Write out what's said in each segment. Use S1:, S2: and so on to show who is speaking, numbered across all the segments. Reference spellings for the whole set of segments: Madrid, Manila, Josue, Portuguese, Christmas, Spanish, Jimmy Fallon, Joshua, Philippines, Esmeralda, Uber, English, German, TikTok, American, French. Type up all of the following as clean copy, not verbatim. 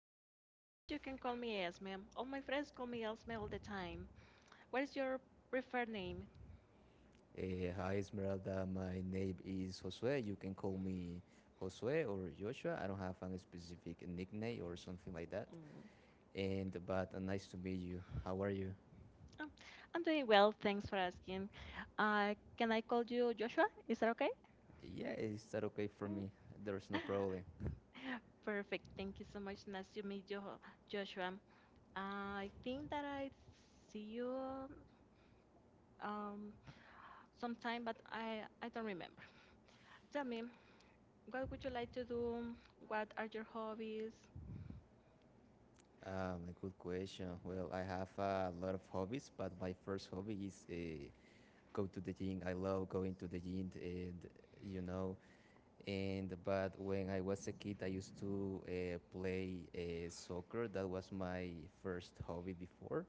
S1: Esmeralda, but you can call me Esme. All my friends call me Esme all the time. What is your preferred name?
S2: Hi Esmeralda, my name is Josue. You can call me Josue or Joshua. I don't have a specific nickname or something like that.
S1: Mm,
S2: And but Nice to meet you. How are you?
S1: um, I'm doing well, thanks for asking. Can I call you Joshua? Is that okay?
S2: Yeah, is that okay for
S1: Mm.
S2: me? There's no problem.
S1: Perfect. Thank you so much. Nice to meet you, Joshua. I think that I see you um sometime, but I don't remember. Tell me, what would you like to do? What are your hobbies?
S2: A good question. Well, I have a lot of hobbies, but my first hobby is go to the gym. I love going to the gym, and you know, And but when I was a kid, I used to play soccer. That was my first hobby before.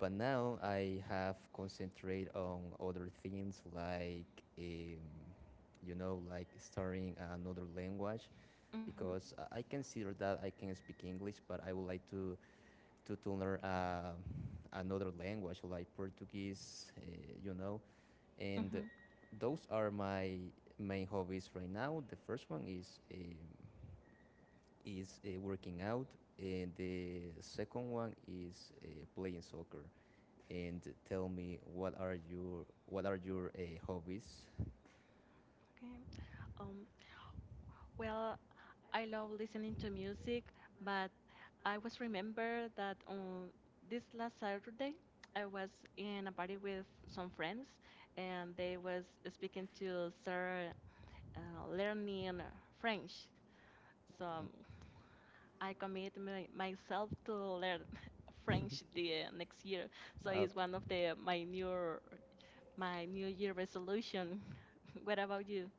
S2: But now I have concentrated on other things like um, studying another language
S1: Hmm
S2: because I consider that I can speak English, but I would like to learn another language like Portuguese. You know, and
S1: hmm
S2: Those are my main hobbies right now. The first one is working out, and the second one is playing soccer. And tell me, what are your hobbies?
S1: Okay. Well, I love listening to music, but I was remember that on this last Saturday I was in a party with some friends, and they was speaking to start learning French. So
S2: Okay.
S1: I commit myself to learn French the next year. So
S2: Uh,
S1: it's one of the my New Year resolution. What about you?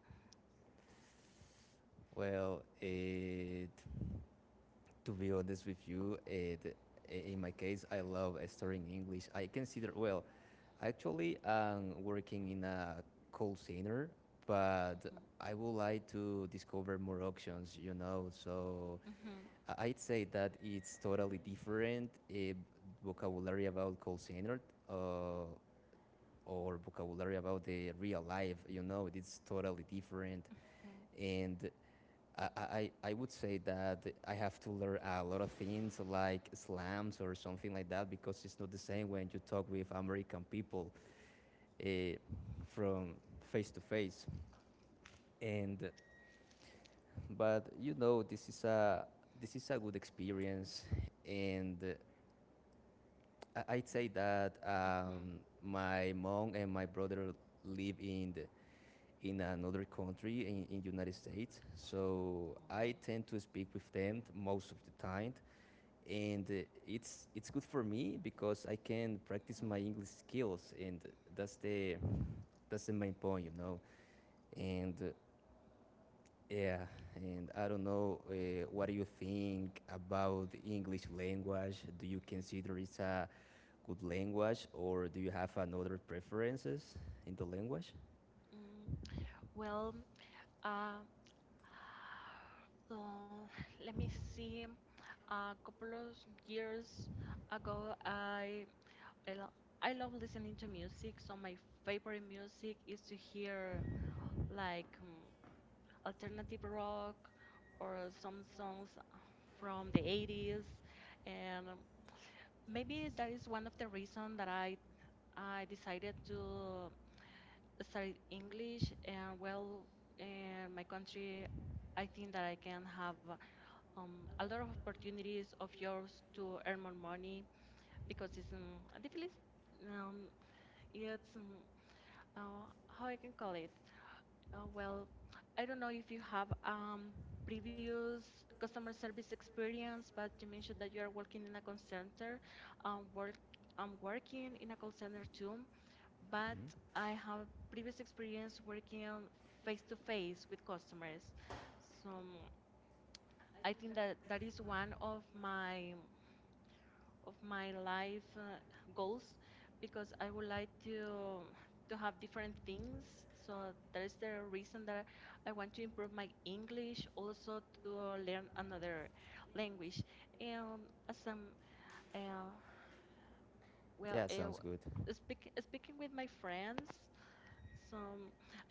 S2: well, uh, to be honest with you, in my case, I love studying English. Actually, I'm working in a call center, but
S1: Mhm,
S2: I would like to discover more options, you know. So
S1: mhm,
S2: I'd say that it's totally different vocabulary about call center uh, or vocabulary about the real life, you know. It's totally different.
S1: mhm.
S2: And I would say that I have to learn a lot of things like slams or something like that because it's not the same when you talk with American people uh, from face to face. And but you know, this is a good experience, and I would say that
S1: Mm-hmm.
S2: my mom and my brother live in another country in United States, so I
S1: Oh.
S2: tend to speak with them most of the time, and it's good for me because I can practice
S1: Mm,
S2: my English skills, and that's the that's the main point, you know. And uh, Yeah, and I don't know what do you think about the English language? Do you consider it's a good language, or do you have another preferences in the language?
S1: mm, well, uh, uh, let me see. A couple of years ago, I lo- I love listening to music. So my favorite music is to hear like alternative rock or some songs from the 80s, and maybe that is one of the reasons that I decided to studied English, and well, in my country, I think that I can have a lot of opportunities of yours to earn more money because it's the feel is, um, it's how I can call it. Well, I don't know if you have previous customer service experience, but you mentioned that you are working in a call center. Um, work, I'm working in a call center too but
S2: Mhm.
S1: I have previous experience working on face to face with customers. So I think that is one of my life goals because I would like to have different things. So that is the reason that I want to improve my English, also to learn another language. And as I'm uh, well,
S2: Yeah, sounds good.
S1: speaking with my friends, so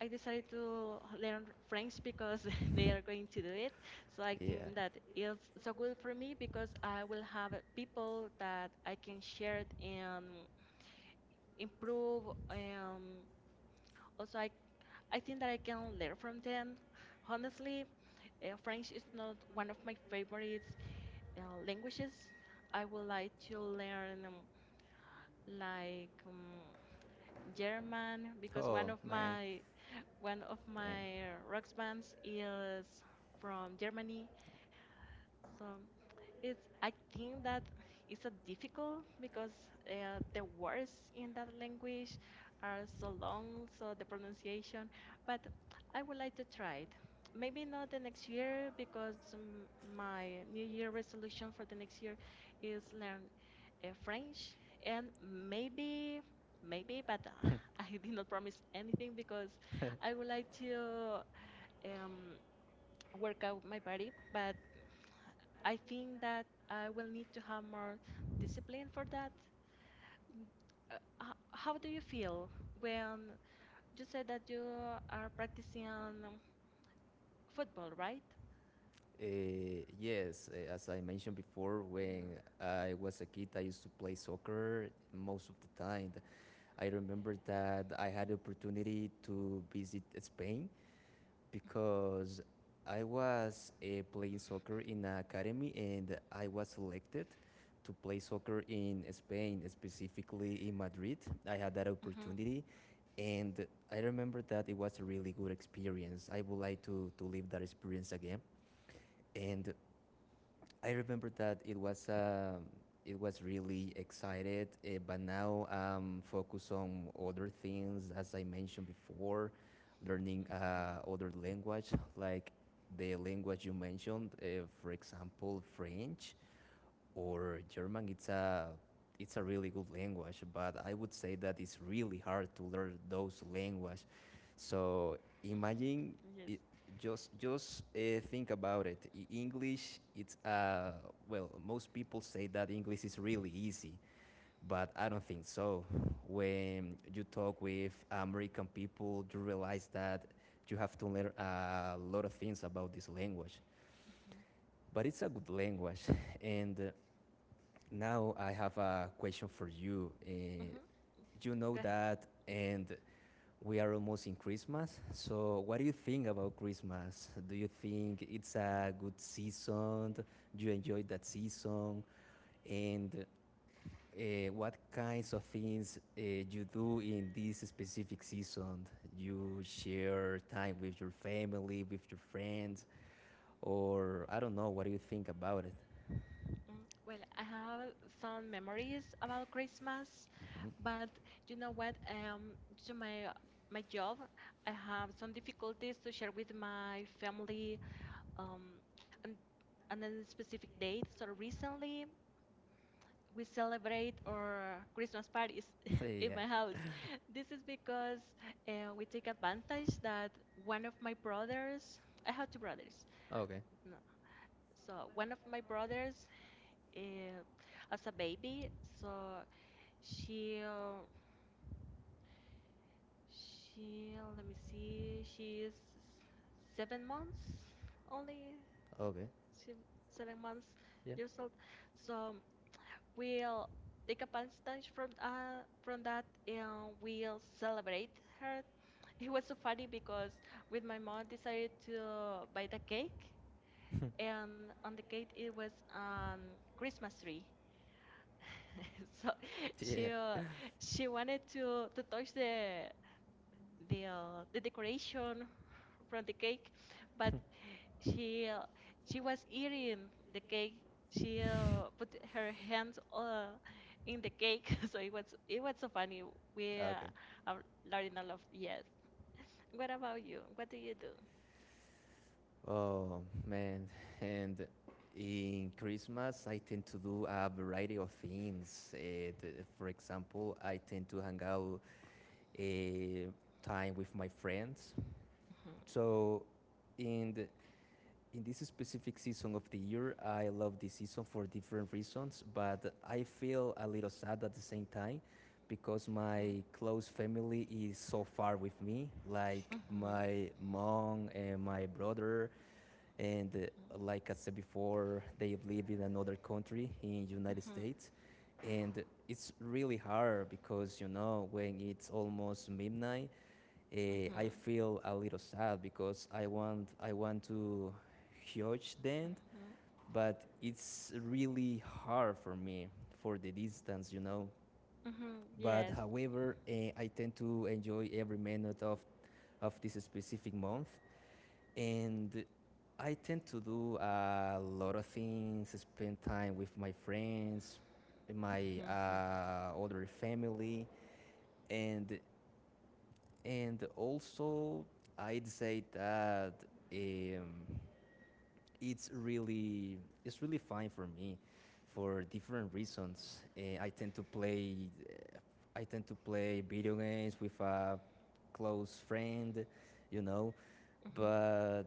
S1: I decided to learn French because they are going to do it. So I think
S2: Yeah.
S1: that it's so good for me because I will have people that I can share it and improve. Um, also, I think that I can learn from them. Honestly, French is not one of my favorite languages. I would like to learn like um, German because one
S2: Oh
S1: of
S2: man,
S1: my
S2: dang.
S1: rock bands is from Germany. So it's I think that it's a difficult because the words in that language are so long, so the pronunciation. But I would like to try it. Maybe not the next year because my New Year resolution for the next year is learn French and maybe but I did not promise anything because I would like to um, work out my body, but I think that I will need to have more discipline for that. Uh, h- how do you feel when you say that you are practicing football, right?
S2: Yes, as I mentioned before,
S1: Yeah.
S2: when I was a kid, I used to play soccer most of the time. I remember that I had opportunity to visit Spain because I was playing soccer in an academy and I was selected to play soccer in Spain, specifically in Madrid. I had that
S1: hmm
S2: opportunity and I remember that it was a really good experience. I would like to live that experience again. And I remember that it was really excited, but now I'm focused on other things, as I mentioned before, learning other language like the language you mentioned, for example, French or German, it's a really good language, but I would say that it's really hard to learn those languages. So imagine
S1: Yes.
S2: it, just think about it. English, it's well, most people say that English is really easy, but I don't think so. When you talk with American people, you realize that you have to learn a lot of things about this language.
S1: hmm
S2: But it's a good language, and now I have a question for you.
S1: hmm
S2: You
S1: Go
S2: know
S1: ahead.
S2: that, and we are almost in Christmas. So, what do you think about Christmas? Do you think it's
S1: Mhm.
S2: a good season? Do you enjoy that season? And uh, what kinds of things you do in this specific season? You share time with your family, with your friends, or I don't know. What do you think about it?
S1: Mm, well, I have some memories about Christmas, but you know what? To my job, I have some difficulties to share with my family. Um, and and then specific date. So recently, we celebrate our Christmas parties
S2: Mhm.
S1: in
S2: Yeah.
S1: my house. This is because we take advantage that one of my brothers. I have two brothers.
S2: Okay.
S1: No. So one of my brothers eh, as a baby. So she uh, she let me see, she is 7 months only.
S2: Okay.
S1: She 7 months
S2: Yeah.
S1: years old. So we'll take a advantage from that and we'll celebrate her. It was so funny because with my mom decided to buy the cake and on the cake it was Christmas tree so
S2: Yeah.
S1: she uh, she wanted to touch the the the decoration from the cake, but she uh, she was eating the cake. She put her hands in the cake, so it was so funny. We
S2: Okay.
S1: are learning a lot. Yes. What about you? What do you do?
S2: Oh man. And in Christmas, I tend to do a variety of things. For example, I tend to hang out uh, time with my friends.
S1: Mhm,
S2: So, in the, in this specific season of the year, I love this season for different reasons. But I feel a little sad at the same time because
S1: mhm,
S2: my close family is so far with me, like
S1: mhm.
S2: my mom and my brother and
S1: Mm-hmm.
S2: like I said before, they live in another country in United States, and it's really hard because you know when it's almost midnight, uh, I
S1: Mm-hmm.
S2: feel a little sad because I want to huge them,
S1: Mm-hmm.
S2: but it's really hard for me for the distance, you know.
S1: Mm-hmm.
S2: But
S1: Yes.
S2: however, I tend to enjoy every minute of this specific month and I tend to do a lot of things, spend time with my friends,
S1: Mm-hmm.
S2: my
S1: Mm-hmm.
S2: other family, and also I'd say that um, it's really fine for me for different reasons. I tend to play uh, I tend to play video games with a close friend, you know,
S1: Mm-hmm.
S2: but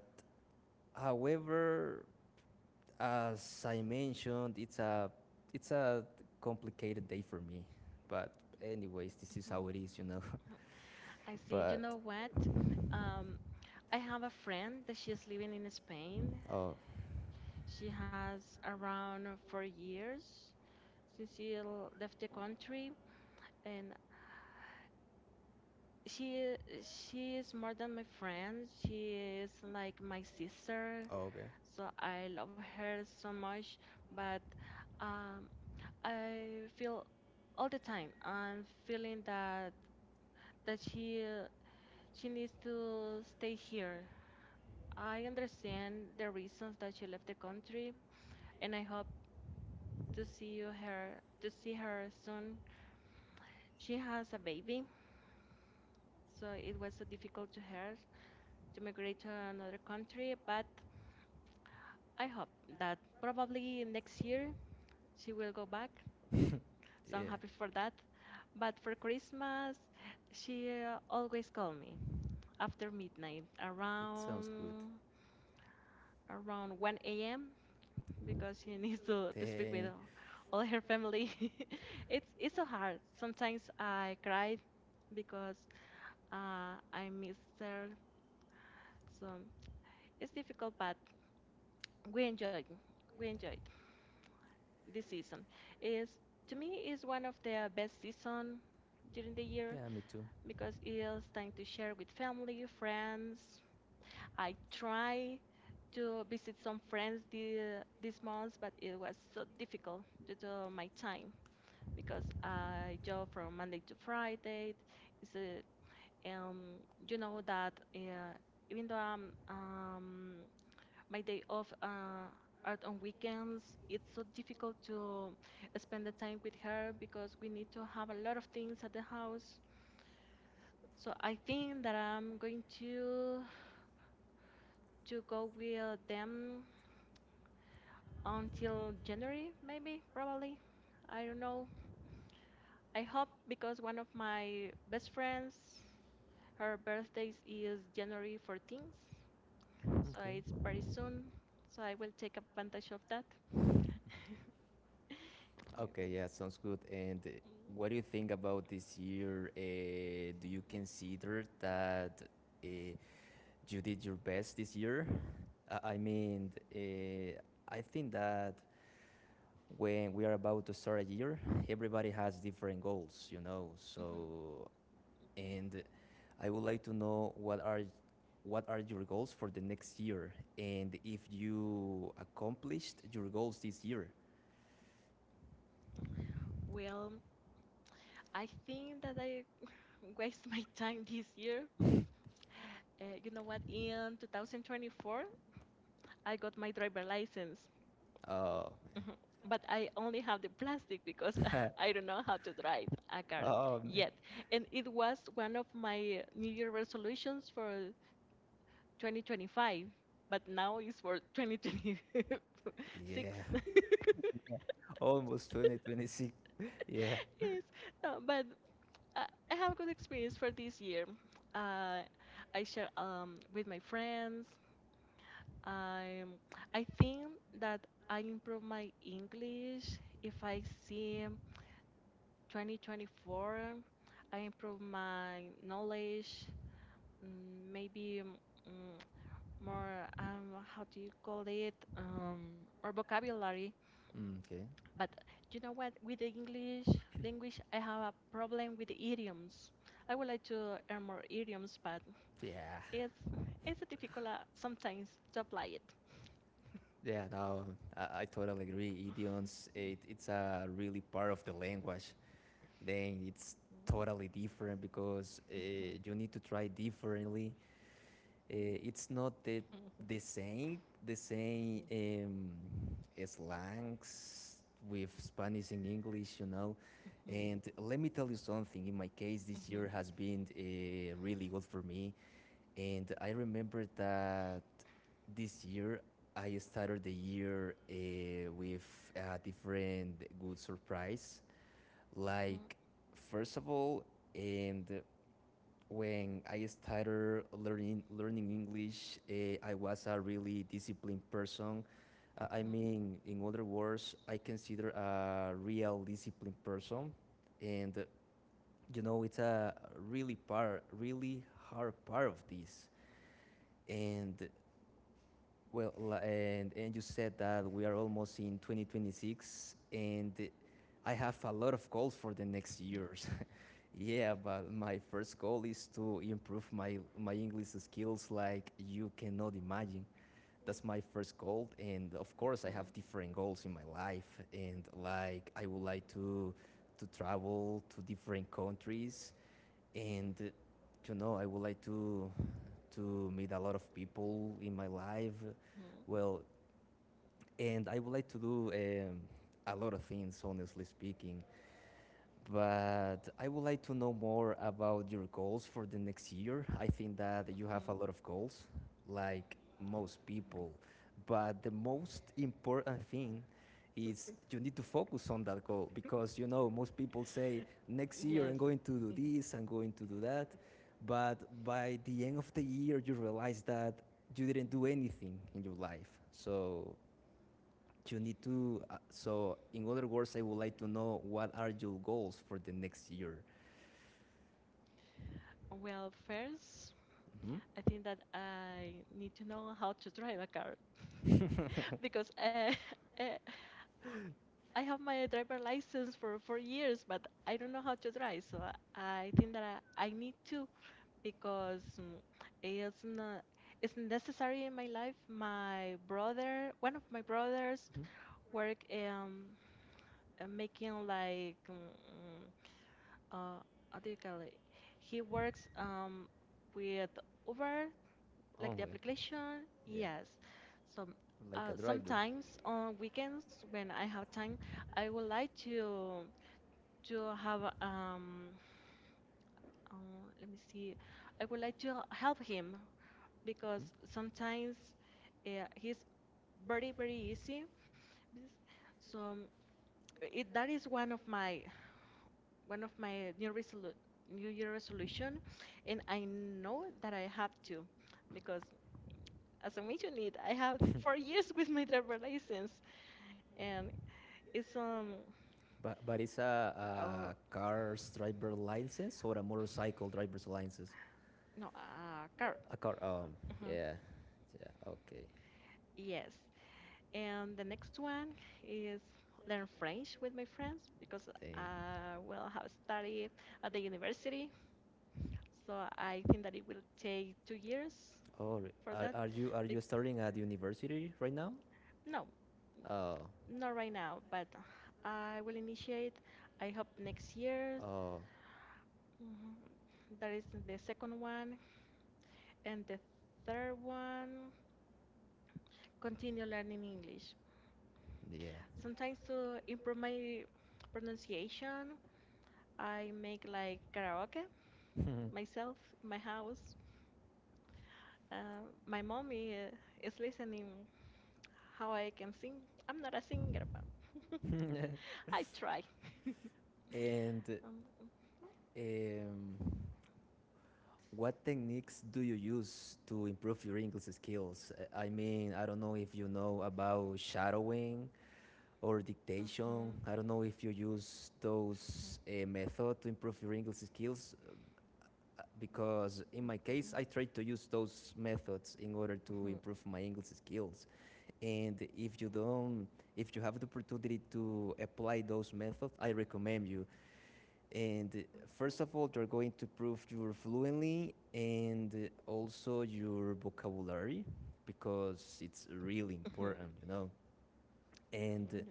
S2: however, as I mentioned, it's a it's a complicated day for me, but anyways, this is
S1: Mm-hmm.
S2: how
S1: Mm-hmm.
S2: it is, you know.
S1: I see. You
S2: but
S1: know what? Um, I have a friend that she's living in Spain.
S2: oh
S1: She has around 4 years. Cecile left the country and she she is more than my friend. She is like my sister,
S2: Oh, okay.
S1: so I love her so much, but um I feel all the time I'm feeling that she needs to stay here. I understand the reasons that she left the country and I hope to see you her to see her soon. She has a baby, so it was so difficult to her to migrate to another country, but I hope that probably next year she will go back. So I'm
S2: yeah,
S1: happy for that. But for Christmas, she always call me after midnight,
S2: it sounds good.
S1: around 1 a.m. because she needs to speak with
S2: Dang.
S1: all her family. It's it's so hard. Sometimes I cry because I miss her. So it's difficult, but we enjoy. We enjoy. This season is to me is one of the best season during the year
S2: Yeah, me too.
S1: because it is time to share with family, friends. I try to visit some friends the, this month, but it was so difficult due to my time because I job from Monday to Friday. It's a, um, you know that even though I'm my day off are on weekends. It's so difficult to spend the time with her because we need to have a lot of things at the house. So I think that I'm going to go with them until January, maybe, probably. I don't know. I hope because one of my best friends, her birthday is January 14th, so it's
S2: Okay.
S1: very soon. So I will take advantage of that. Yeah.
S2: Okay,
S1: Okay.
S2: yeah, sounds good. And what do you think about this year? Do you consider
S1: Um,
S2: that uh, you did your best this year? I mean, I think that when we are about to start a year, everybody has different goals, you know.
S1: mhm. Mhm.
S2: So, and I would like to know what are your goals for the next year, and if you accomplished your goals this year.
S1: Well, I think that I waste my time this year. You know what? In 2024, I got my driver license.
S2: Uh,
S1: Mhm. But I only have the plastic because I don't know how to drive a car
S2: um,
S1: yet. And it was one of my New Year resolutions for 2025, but now it's for 2026.
S2: yeah, almost 2026. Yeah.
S1: Yes, no, but I have a good experience for this year. Uh, I share with my friends. Um, I think that I improve my English if I see. 2024, I improve my knowledge, maybe mm, more, how do you call it, more vocabulary.
S2: Okay.
S1: But you know what? With the English language, I have a problem with the idioms. I would like to learn more idioms, but
S2: Yeah.
S1: it's it's difficult sometimes to apply it.
S2: Yeah. No, I totally agree. Idioms. It's a really part of the language. Then it's totally different because you need to try differently. It's not the same, the same slangs with Spanish and English, you know.
S1: Hmm
S2: And let me tell you something. In my case, this
S1: hmm
S2: year has been really good for me. And I remember that this year I started the year with a different good surprise.
S1: hmm
S2: Like, first of all, and when I started learning English, I was a really disciplined person. I mean, in other words, I consider a real disciplined person, and you know, it's a really part, really hard part of this. And and you said that we are almost in 2026, and I have a lot of goals for the next
S1: hmm
S2: years. Yeah, but my first goal is to improve my English skills like you cannot imagine.
S1: Mm.
S2: That's my first goal, and of course, I
S1: Mhm.
S2: have different goals in my life, and like I would like to travel to different countries, and you know, I would like to meet a lot of people in my life
S1: Mhm.
S2: well and I would like to do a lot of things, honestly speaking. But I would like to know more about your goals for the next year. I think that you have
S1: Mhm.
S2: a lot of goals, like most people. But the most important thing is you need to focus on that goal because you know most people say next year
S1: Yes.
S2: I'm going to do this, I'm going to do that. But by the end of the year, you realize that you didn't do anything in your life. So you need to so in other words, I would like to know what are your goals for the next year.
S1: Well, first,
S2: Hmm,
S1: I think that I need to know how to drive a car because uh, I have my driver license for 4 years, but I don't know how to drive. So I think that I need to because it's not it's necessary in my life. My brother, one of my brothers, work making like uh how do you call it? He works with Uber, like the
S2: only
S1: application.
S2: yeah,
S1: Yes. So
S2: like a driver,
S1: sometimes on weekends when I have time, I would like to have uh, let me see. I would like to help him because sometimes he's very easy. Bes- So it, that is one of my new New Year resolution, and I know that I have to, because as I mentioned it, I have 4 years with my driver license, and it's
S2: but it's
S1: uh,
S2: a car driver license or a motorcycle driver's license?
S1: no car.
S2: A car.
S1: Mhm.
S2: Yeah. Yeah, okay.
S1: Yes, and the next one is learn French with my friends because
S2: Dang.
S1: well, I will have studied at the university, so I think that it will take 2 years
S2: oh
S1: for that.
S2: are you
S1: Be-
S2: studying at university right now?
S1: no,
S2: Oh.
S1: Not right now, but I will initiate, I hope next year.
S2: Oh
S1: Mhm. That is the second one. And the third one, continue learning English.
S2: yeah.
S1: Sometimes to improve my pronunciation, I make like karaoke myself, my house. My mommy is listening how I can sing. I'm not a singer, but I try.
S2: And
S1: Um, mhm,
S2: um what techniques do you use to improve your English skills? I mean, I don't know if you know about shadowing or
S1: mhm,
S2: dictation. I don't know if you use those method to improve your English skills because in my case
S1: mhm,
S2: I try to use those methods in order to
S1: mhm,
S2: improve my English skills. And if you have the opportunity to apply those methods, I recommend you and
S1: mhm,
S2: first of all, they're going to prove your fluency and also your vocabulary because it's really
S1: mhm.
S2: important, you know. And
S1: No.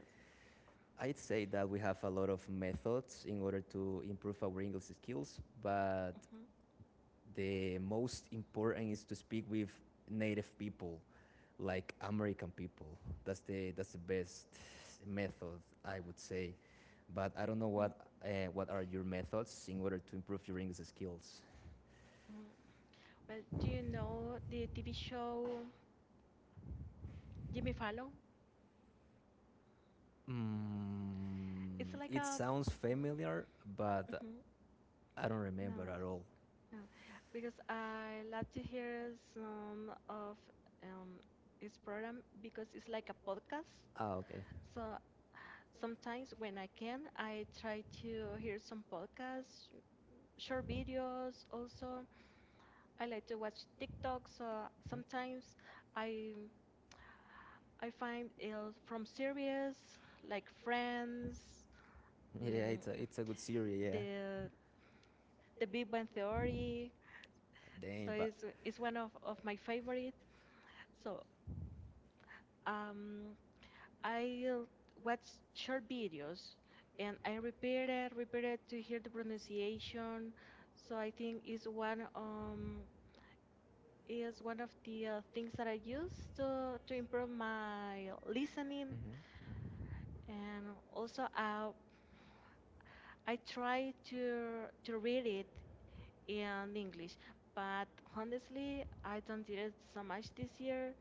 S2: I'd say that we have a lot of methods in order to improve our English skills, but
S1: Mhm,
S2: the most important is to speak with native people like American people. That's the best method I would say. But I don't know
S1: mhm,
S2: what are your methods in order to improve your English skills.
S1: mhm. Well, do you know the TV show Jimmy Fallon? It's like
S2: It
S1: a
S2: sounds familiar, but
S1: Mhm.
S2: I don't remember
S1: No,
S2: at all.
S1: no, because I love to hear some of um, his program because it's like a podcast.
S2: Ah, okay.
S1: So sometimes when I can, I try to hear some podcasts, short videos. Also, I like to watch TikTok. So sometimes I I find it from series like Friends,
S2: Yeah, it's a
S1: mm,
S2: good series. Yeah.
S1: the Big Bang Theory. So
S2: Damn, but.
S1: it's one of my favorites. So um, I watch short videos and I repeat it to hear the pronunciation. So I think it's one is one of the things that I use to improve my listening,
S2: Mhm,
S1: and also I try to read it in English, but honestly, I don't did it so much this year.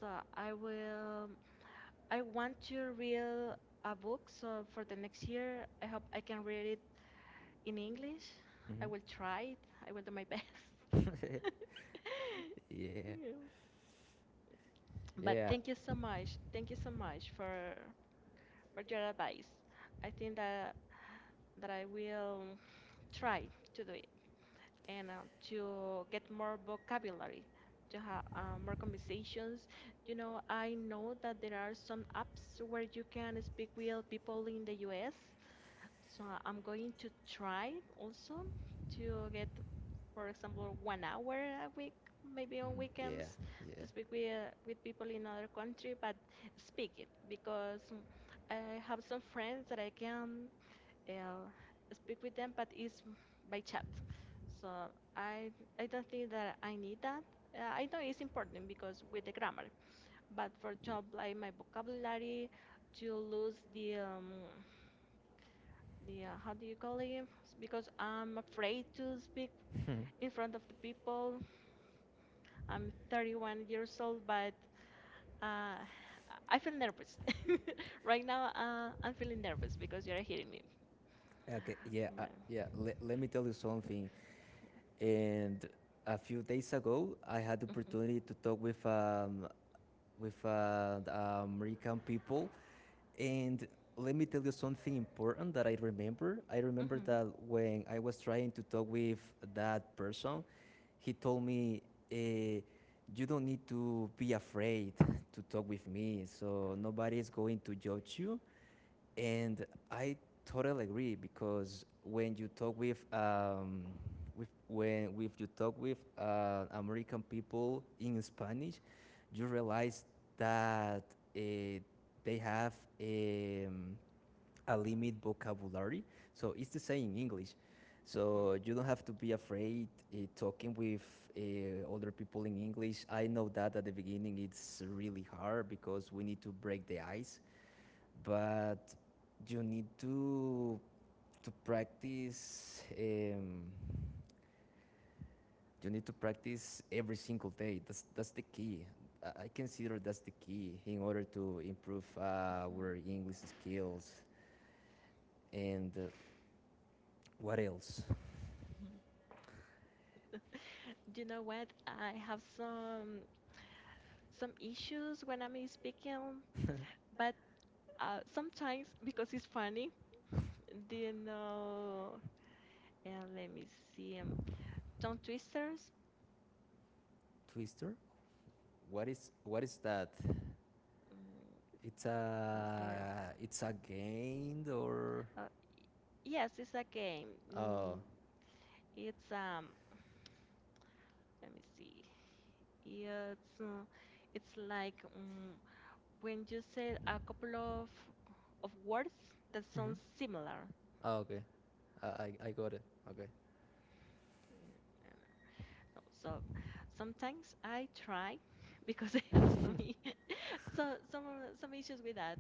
S1: So I will. I want to read a book. So for the next year, I hope I can read it in English. I will try it. I will do my best.
S2: mhm. Yeah.
S1: Yeah. But
S2: Yeah.
S1: thank you so much. Thank you so much for your advice. I think that I will try to do it. And to get more vocabulary, to have more conversations. You know, I know that there are some apps where you can speak with people in the US. So I'm going to try also to get, for example, 1 hour a week, maybe on
S2: Mhm. Yeah.
S1: weekends,
S2: Yeah.
S1: to speak with people in other country, but speaking because I have some friends that I can uh, speak with them, but it's by chat. So I I don't think that I need that. I know it's important because with the grammar, but for
S2: Yeah.
S1: example, like my vocabulary, to lose the how do you call it? Because I'm afraid to speak in front of the people. I'm 31 years old, but uh, I feel nervous right now. I'm feeling nervous because you're hearing me.
S2: Okay. Yeah. Yeah. Let me tell you
S1: Well,
S2: something. And a few days ago, I had the
S1: mhm.
S2: opportunity to talk with the American people, and let me tell you something important that I remember. I remember
S1: Mhm.
S2: that when I was trying to talk with that person, he told me, eh, "You don't need to be afraid to talk with me. So nobody is going to judge you." And I totally agree because when you talk with American people in Spanish, you realize that uh, they have a a limit vocabulary. So it's the same in English.
S1: Mhm.
S2: So you don't have to be afraid talking with other people in English. I know that at the beginning it's really hard because we need to break the ice, but you need to practice. You need to practice every single day. That's the key. I consider that's the key in order to improve
S1: Mhm.
S2: our English skills. And what else?
S1: Mhm. Do you know what? I have some issues when I'm in speaking, but sometimes because it's funny, do you know? Yeah, let me see. Tongue twisters.
S2: Twister, what is, what is that?
S1: Mm,
S2: It's
S1: let me see.
S2: a, it's a game or...
S1: Uh, yes, it's a game.
S2: Oh,
S1: It's Let me see. Yeah, it's it's like when you said a couple of words that sound similar.
S2: oh, okay. I got it. Okay.
S1: Yeah, I So sometimes I try because I have some so some issues with that,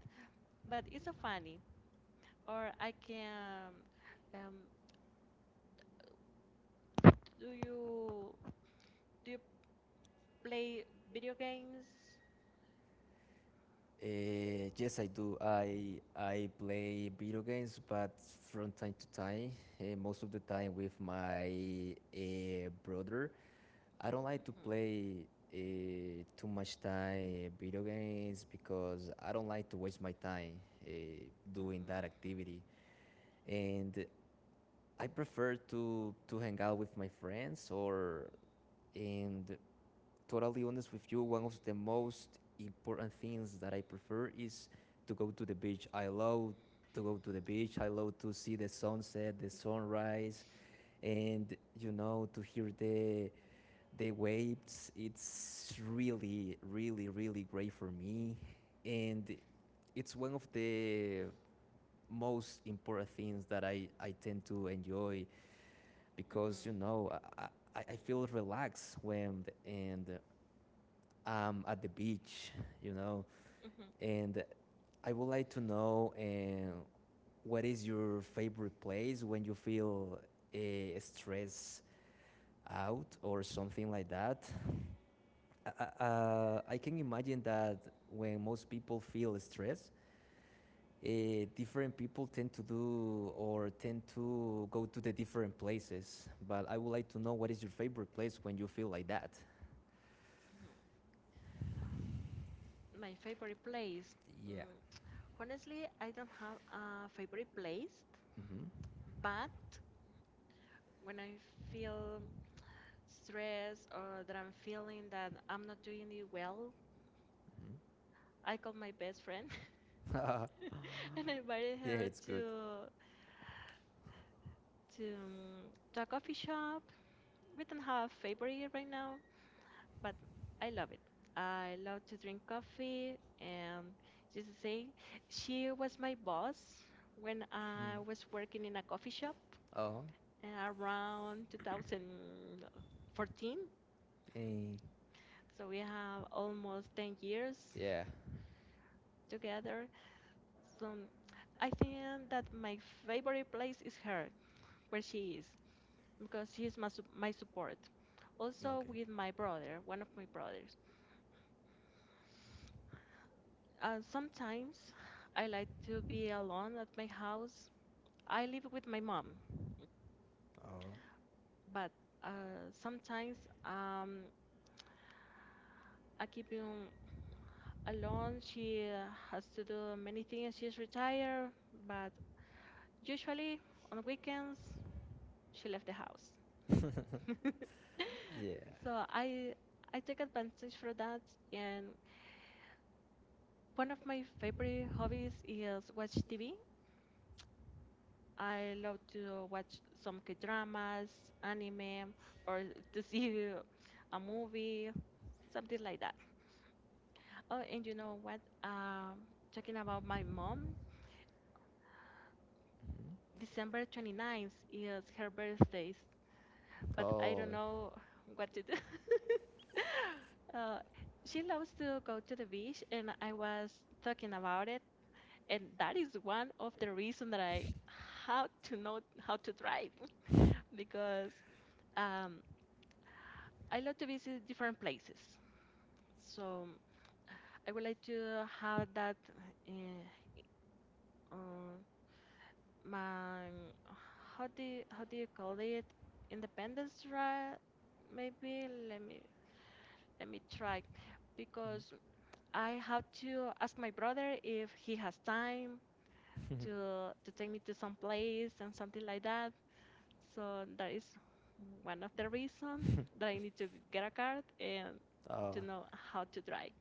S1: but it's so funny. Or I can um, do you do you play video games?
S2: Yes, I do. I play video games, but from time to time, most of the time with my brother. I don't like to
S1: Mhm,
S2: play too much time video games because I don't like to waste my time uh, doing that
S1: mhm,
S2: activity, and I prefer to hang out with my friends. Or, and totally honest with you, one of the most important things that I prefer is to go to the beach. I love to go to the beach. I love to see the sunset, the sunrise, and you know, to hear the waves. It's really, really, really great for me, and it's one of the most important things that I tend to enjoy
S1: mhm.
S2: because I, I feel relaxed when and at the beach, you know.
S1: Mhm,
S2: And I would like to know what is your favorite place when you feel uh, stressed out or something like that. I can imagine that when most people feel stress, different people tend to do or tend to go to the different places. But I would like to know what is your favorite place when you feel like that.
S1: mhm. My favorite place.
S2: Yeah.
S1: Mm, honestly, I don't have a favorite place, but when I feel stress or that I'm feeling that I'm not doing it well,
S2: Mm-hmm.
S1: I call my best friend
S2: Mm-hmm.
S1: and I invited
S2: Yeah,
S1: her
S2: it's good.
S1: to to um, to a coffee shop. We don't have a favorite right now, but I love it. I love to drink coffee, and just to say, she was my boss when I was working in a coffee shop
S2: Oh,
S1: around 2014.
S2: pain.
S1: So we have almost 10 years
S2: Yeah.
S1: together. So I think that my favorite place is her, where she is, because she is my, my support. Also with
S2: Okay.
S1: my brother, one of my brothers. Sometimes I like to be alone at my house. I live with my mom,
S2: Oh.
S1: but sometimes um, I keep in alone. She has to do many things. She's retired, but usually on weekends she left the house.
S2: Yeah.
S1: So I take advantage for that. And one of my favorite hobbies is watch TV. I love to watch some K-dramas, anime, or to see a movie, something like that. Oh, and you know what? Talking about my mom, December 29th is her birthday, but I
S2: Oh.
S1: don't know what to do. uh, she loves to go to the beach, and I was talking about it, and that is one of the reasons that I how to know how to drive because um, I love to visit different places. So I would like to have that uh, um, my how do you call it independence drive maybe let me try because I have to ask my brother if he has time to take me to some place and something like that. So that is one of the reasons that I need to get a card and
S2: Oh.
S1: to know how to drive.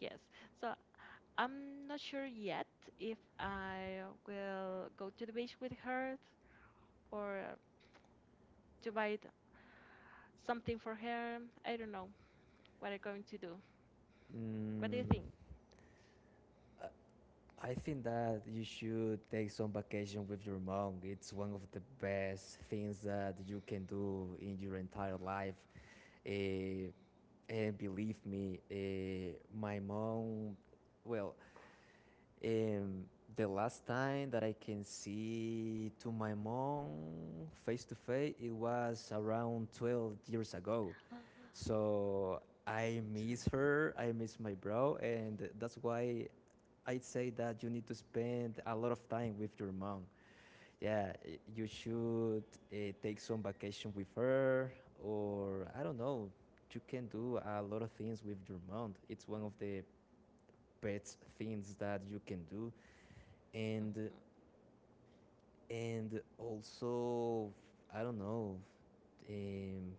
S1: Yes. So I'm not sure yet if I will go to the beach with her or to buy something for her. I don't know what I'm going to do. What do you
S2: Mm,
S1: think?
S2: I- think that you should take some vacation with your mom. It's one of the best things that you can do in your entire life. Eh, and believe me, my mom, well, Um, the last time that I can see to my mom face to face, it was around 12 years ago. So I miss her, I miss my bro, and that's why I'd say that you need to spend a lot of time with your mom. Yeah, you should take some vacation with her, or I don't know, you can do a lot of things with your mom. It's one of the best things that you can do. And also I don't know. Um,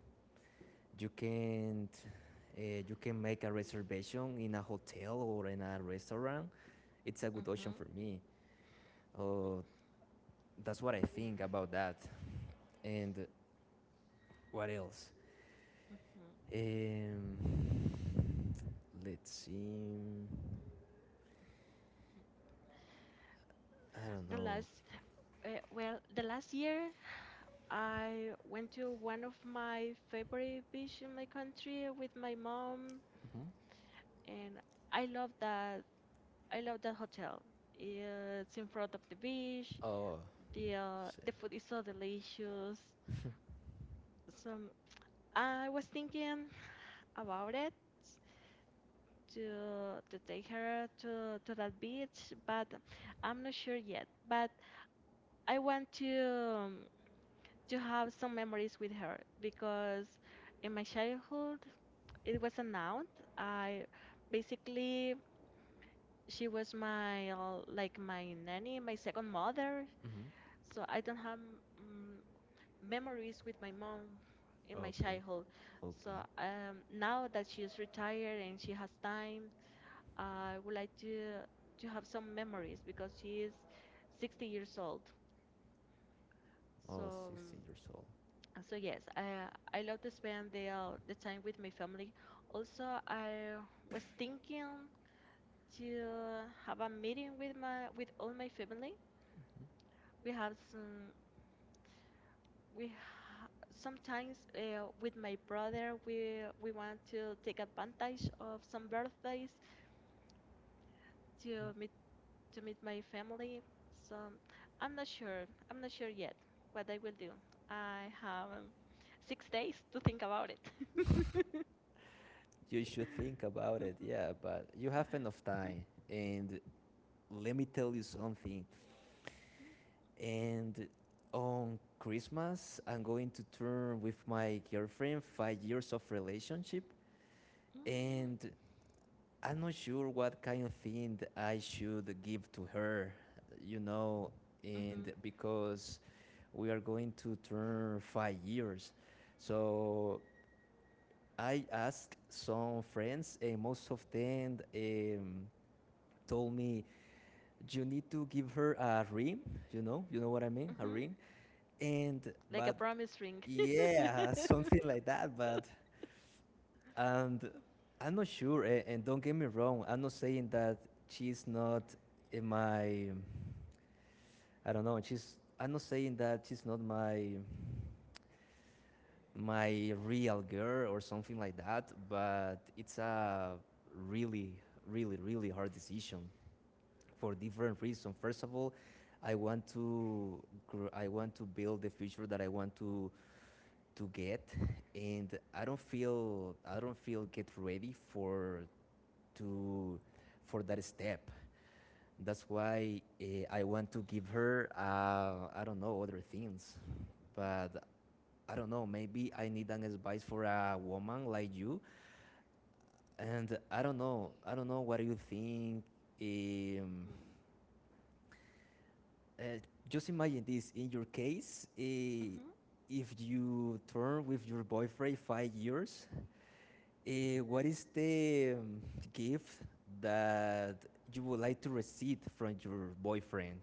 S2: you can't. You can make a reservation in a hotel or in a restaurant. It's a good
S1: Mm-hmm.
S2: option
S1: Mm-hmm.
S2: for me. Uh, that's what I think about that. And what else?
S1: Mm-hmm.
S2: Um, let's see. I don't
S1: The
S2: know.
S1: last, well, the last year I went to one of my favorite beach in my country with my mom,
S2: Mm-hmm.
S1: and I love that. I love that hotel. It's in front of the beach.
S2: Oh,
S1: The uh,
S2: shit.
S1: the food is so delicious. Some I was thinking about it to take her to that beach, but I'm not sure yet. But I want to have some memories with her because in my childhood it was an aunt. I basically she was my like my nanny, my second mother.
S2: Mm-hmm.
S1: So I don't have mm memories with my mom in my
S2: Okay.
S1: childhood. So
S2: Okay.
S1: now that she is retired and she has time, I would like to have some memories because she is 60 years old.
S2: Oh,
S1: So
S2: 60 years old.
S1: so yes, I love to spend the time with my family. Also, I was thinking to have a meeting with my with all my family. We have some we ha- sometimes with my brother we want to take advantage of some birthdays to meet to meet my family. So I'm not sure. I'm not sure yet what I will do. I have 6 days to think about it.
S2: You should think about it, yeah, but you have enough time. And let me tell you something.
S1: Hmm
S2: And on Christmas, I'm going to turn with my girlfriend 5 years of relationship, and I'm not sure what kind of thing I should give to her, you know, and because we are going to turn 5 years. So I asked some friends, and most of them told me you need to give her a ring, you know, you know what I mean, a
S1: hmm.
S2: ring. And,
S1: Like a
S2: but
S1: promise ring.
S2: yeah, something like that. But and I'm not sure. Don't get me wrong, I'm not saying that she's not in my, I don't know, she's, I'm not saying that she's not my real girl or something like that, but it's a really, really, really hard decision for different reasons. First of all, I want to I want to build the future that I want to get, and I don't feel get ready for, to for that step. That's why I want to give her I don't know, other things, but I don't know. Maybe I need an advice for a woman like you, and I don't know. I don't know what you think. Um, Uh, just imagine this in your case,
S1: Mhm.
S2: if you turn with your boyfriend 5 years, uh, what is the gift that you would like to receive from your boyfriend?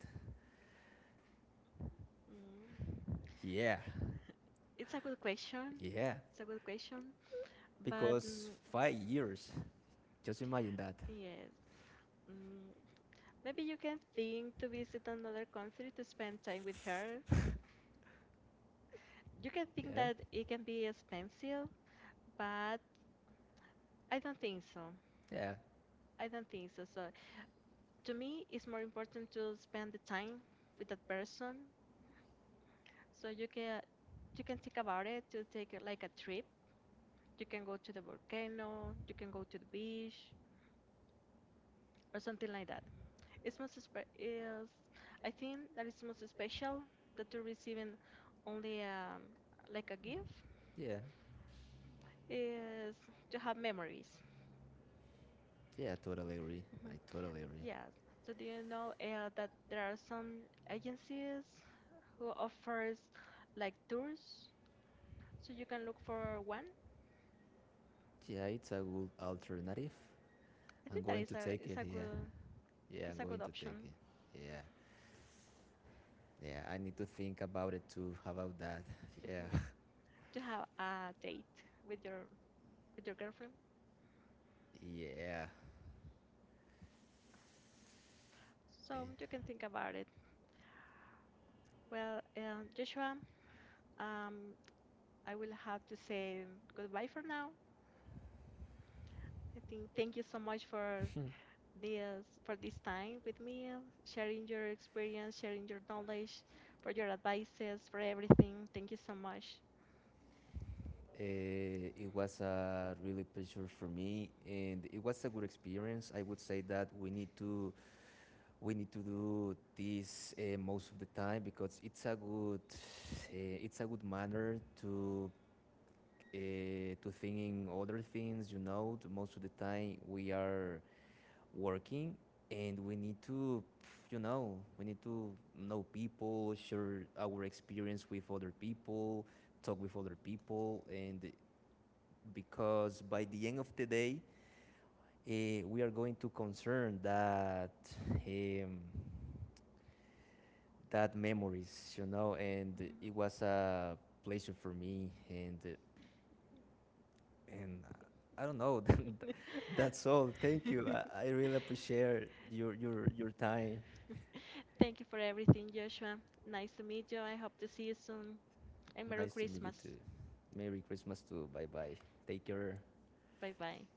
S1: Mm.
S2: Yeah,
S1: It's a good question.
S2: yeah,
S1: It's a good question. But
S2: because 5 years, just imagine that.
S1: yes, mm, maybe you can think to visit another country to spend time with her. You can think
S2: Yeah,
S1: that it can be expensive, but I don't think so.
S2: yeah,
S1: I don't think so. So to me, it's more important to spend the time with that person. So you can think about it to take like a trip. You can go to the volcano. You can go to the beach or something like that. It's is I think that it's most special that you're receiving only like a gift
S2: yeah,
S1: is to have memories.
S2: yeah, I totally agree. I
S1: Mhm.
S2: totally agree.
S1: Yes. So do you know that there are some agencies who offers like tours, so you can look for one.
S2: Yeah, it's a good alternative.
S1: I
S2: I'm
S1: think that
S2: going to take
S1: is
S2: it,
S1: a
S2: yeah.
S1: good
S2: Yeah, I'm
S1: it's a
S2: going
S1: good
S2: to take
S1: option,
S2: it. Yeah. Yeah, I need to think about it too, about that. Yeah.
S1: mhm, to have a date with your girlfriend.
S2: Yeah.
S1: So you can think about it. Well, Joshua, um, I will have to say goodbye for now. I think thank you so much for this time with me, sharing your experience, sharing your knowledge, for your advices, for everything. Thank you so much.
S2: It was a really pleasure for me and it was a good experience. I would say that we need to do this most of the time because it's a good manner uh, to thinking other things, you know. Most of the time we are working and we need to, you know, we need to know people, share our experience with other people, talk with other people. And because by the end of the day, we are going to concern that,
S1: Mhm,
S2: um, that memories, you know. And it was a pleasure for me. And and I don't know.
S1: mhm.
S2: That's all. Thank you. I really appreciate your time.
S1: Thank you for everything, Joshua. Nice to meet you. I hope to see you soon. And Merry
S2: Nice to meet you
S1: Christmas.
S2: too. Merry Christmas too. Bye bye. Take care.
S1: Bye bye.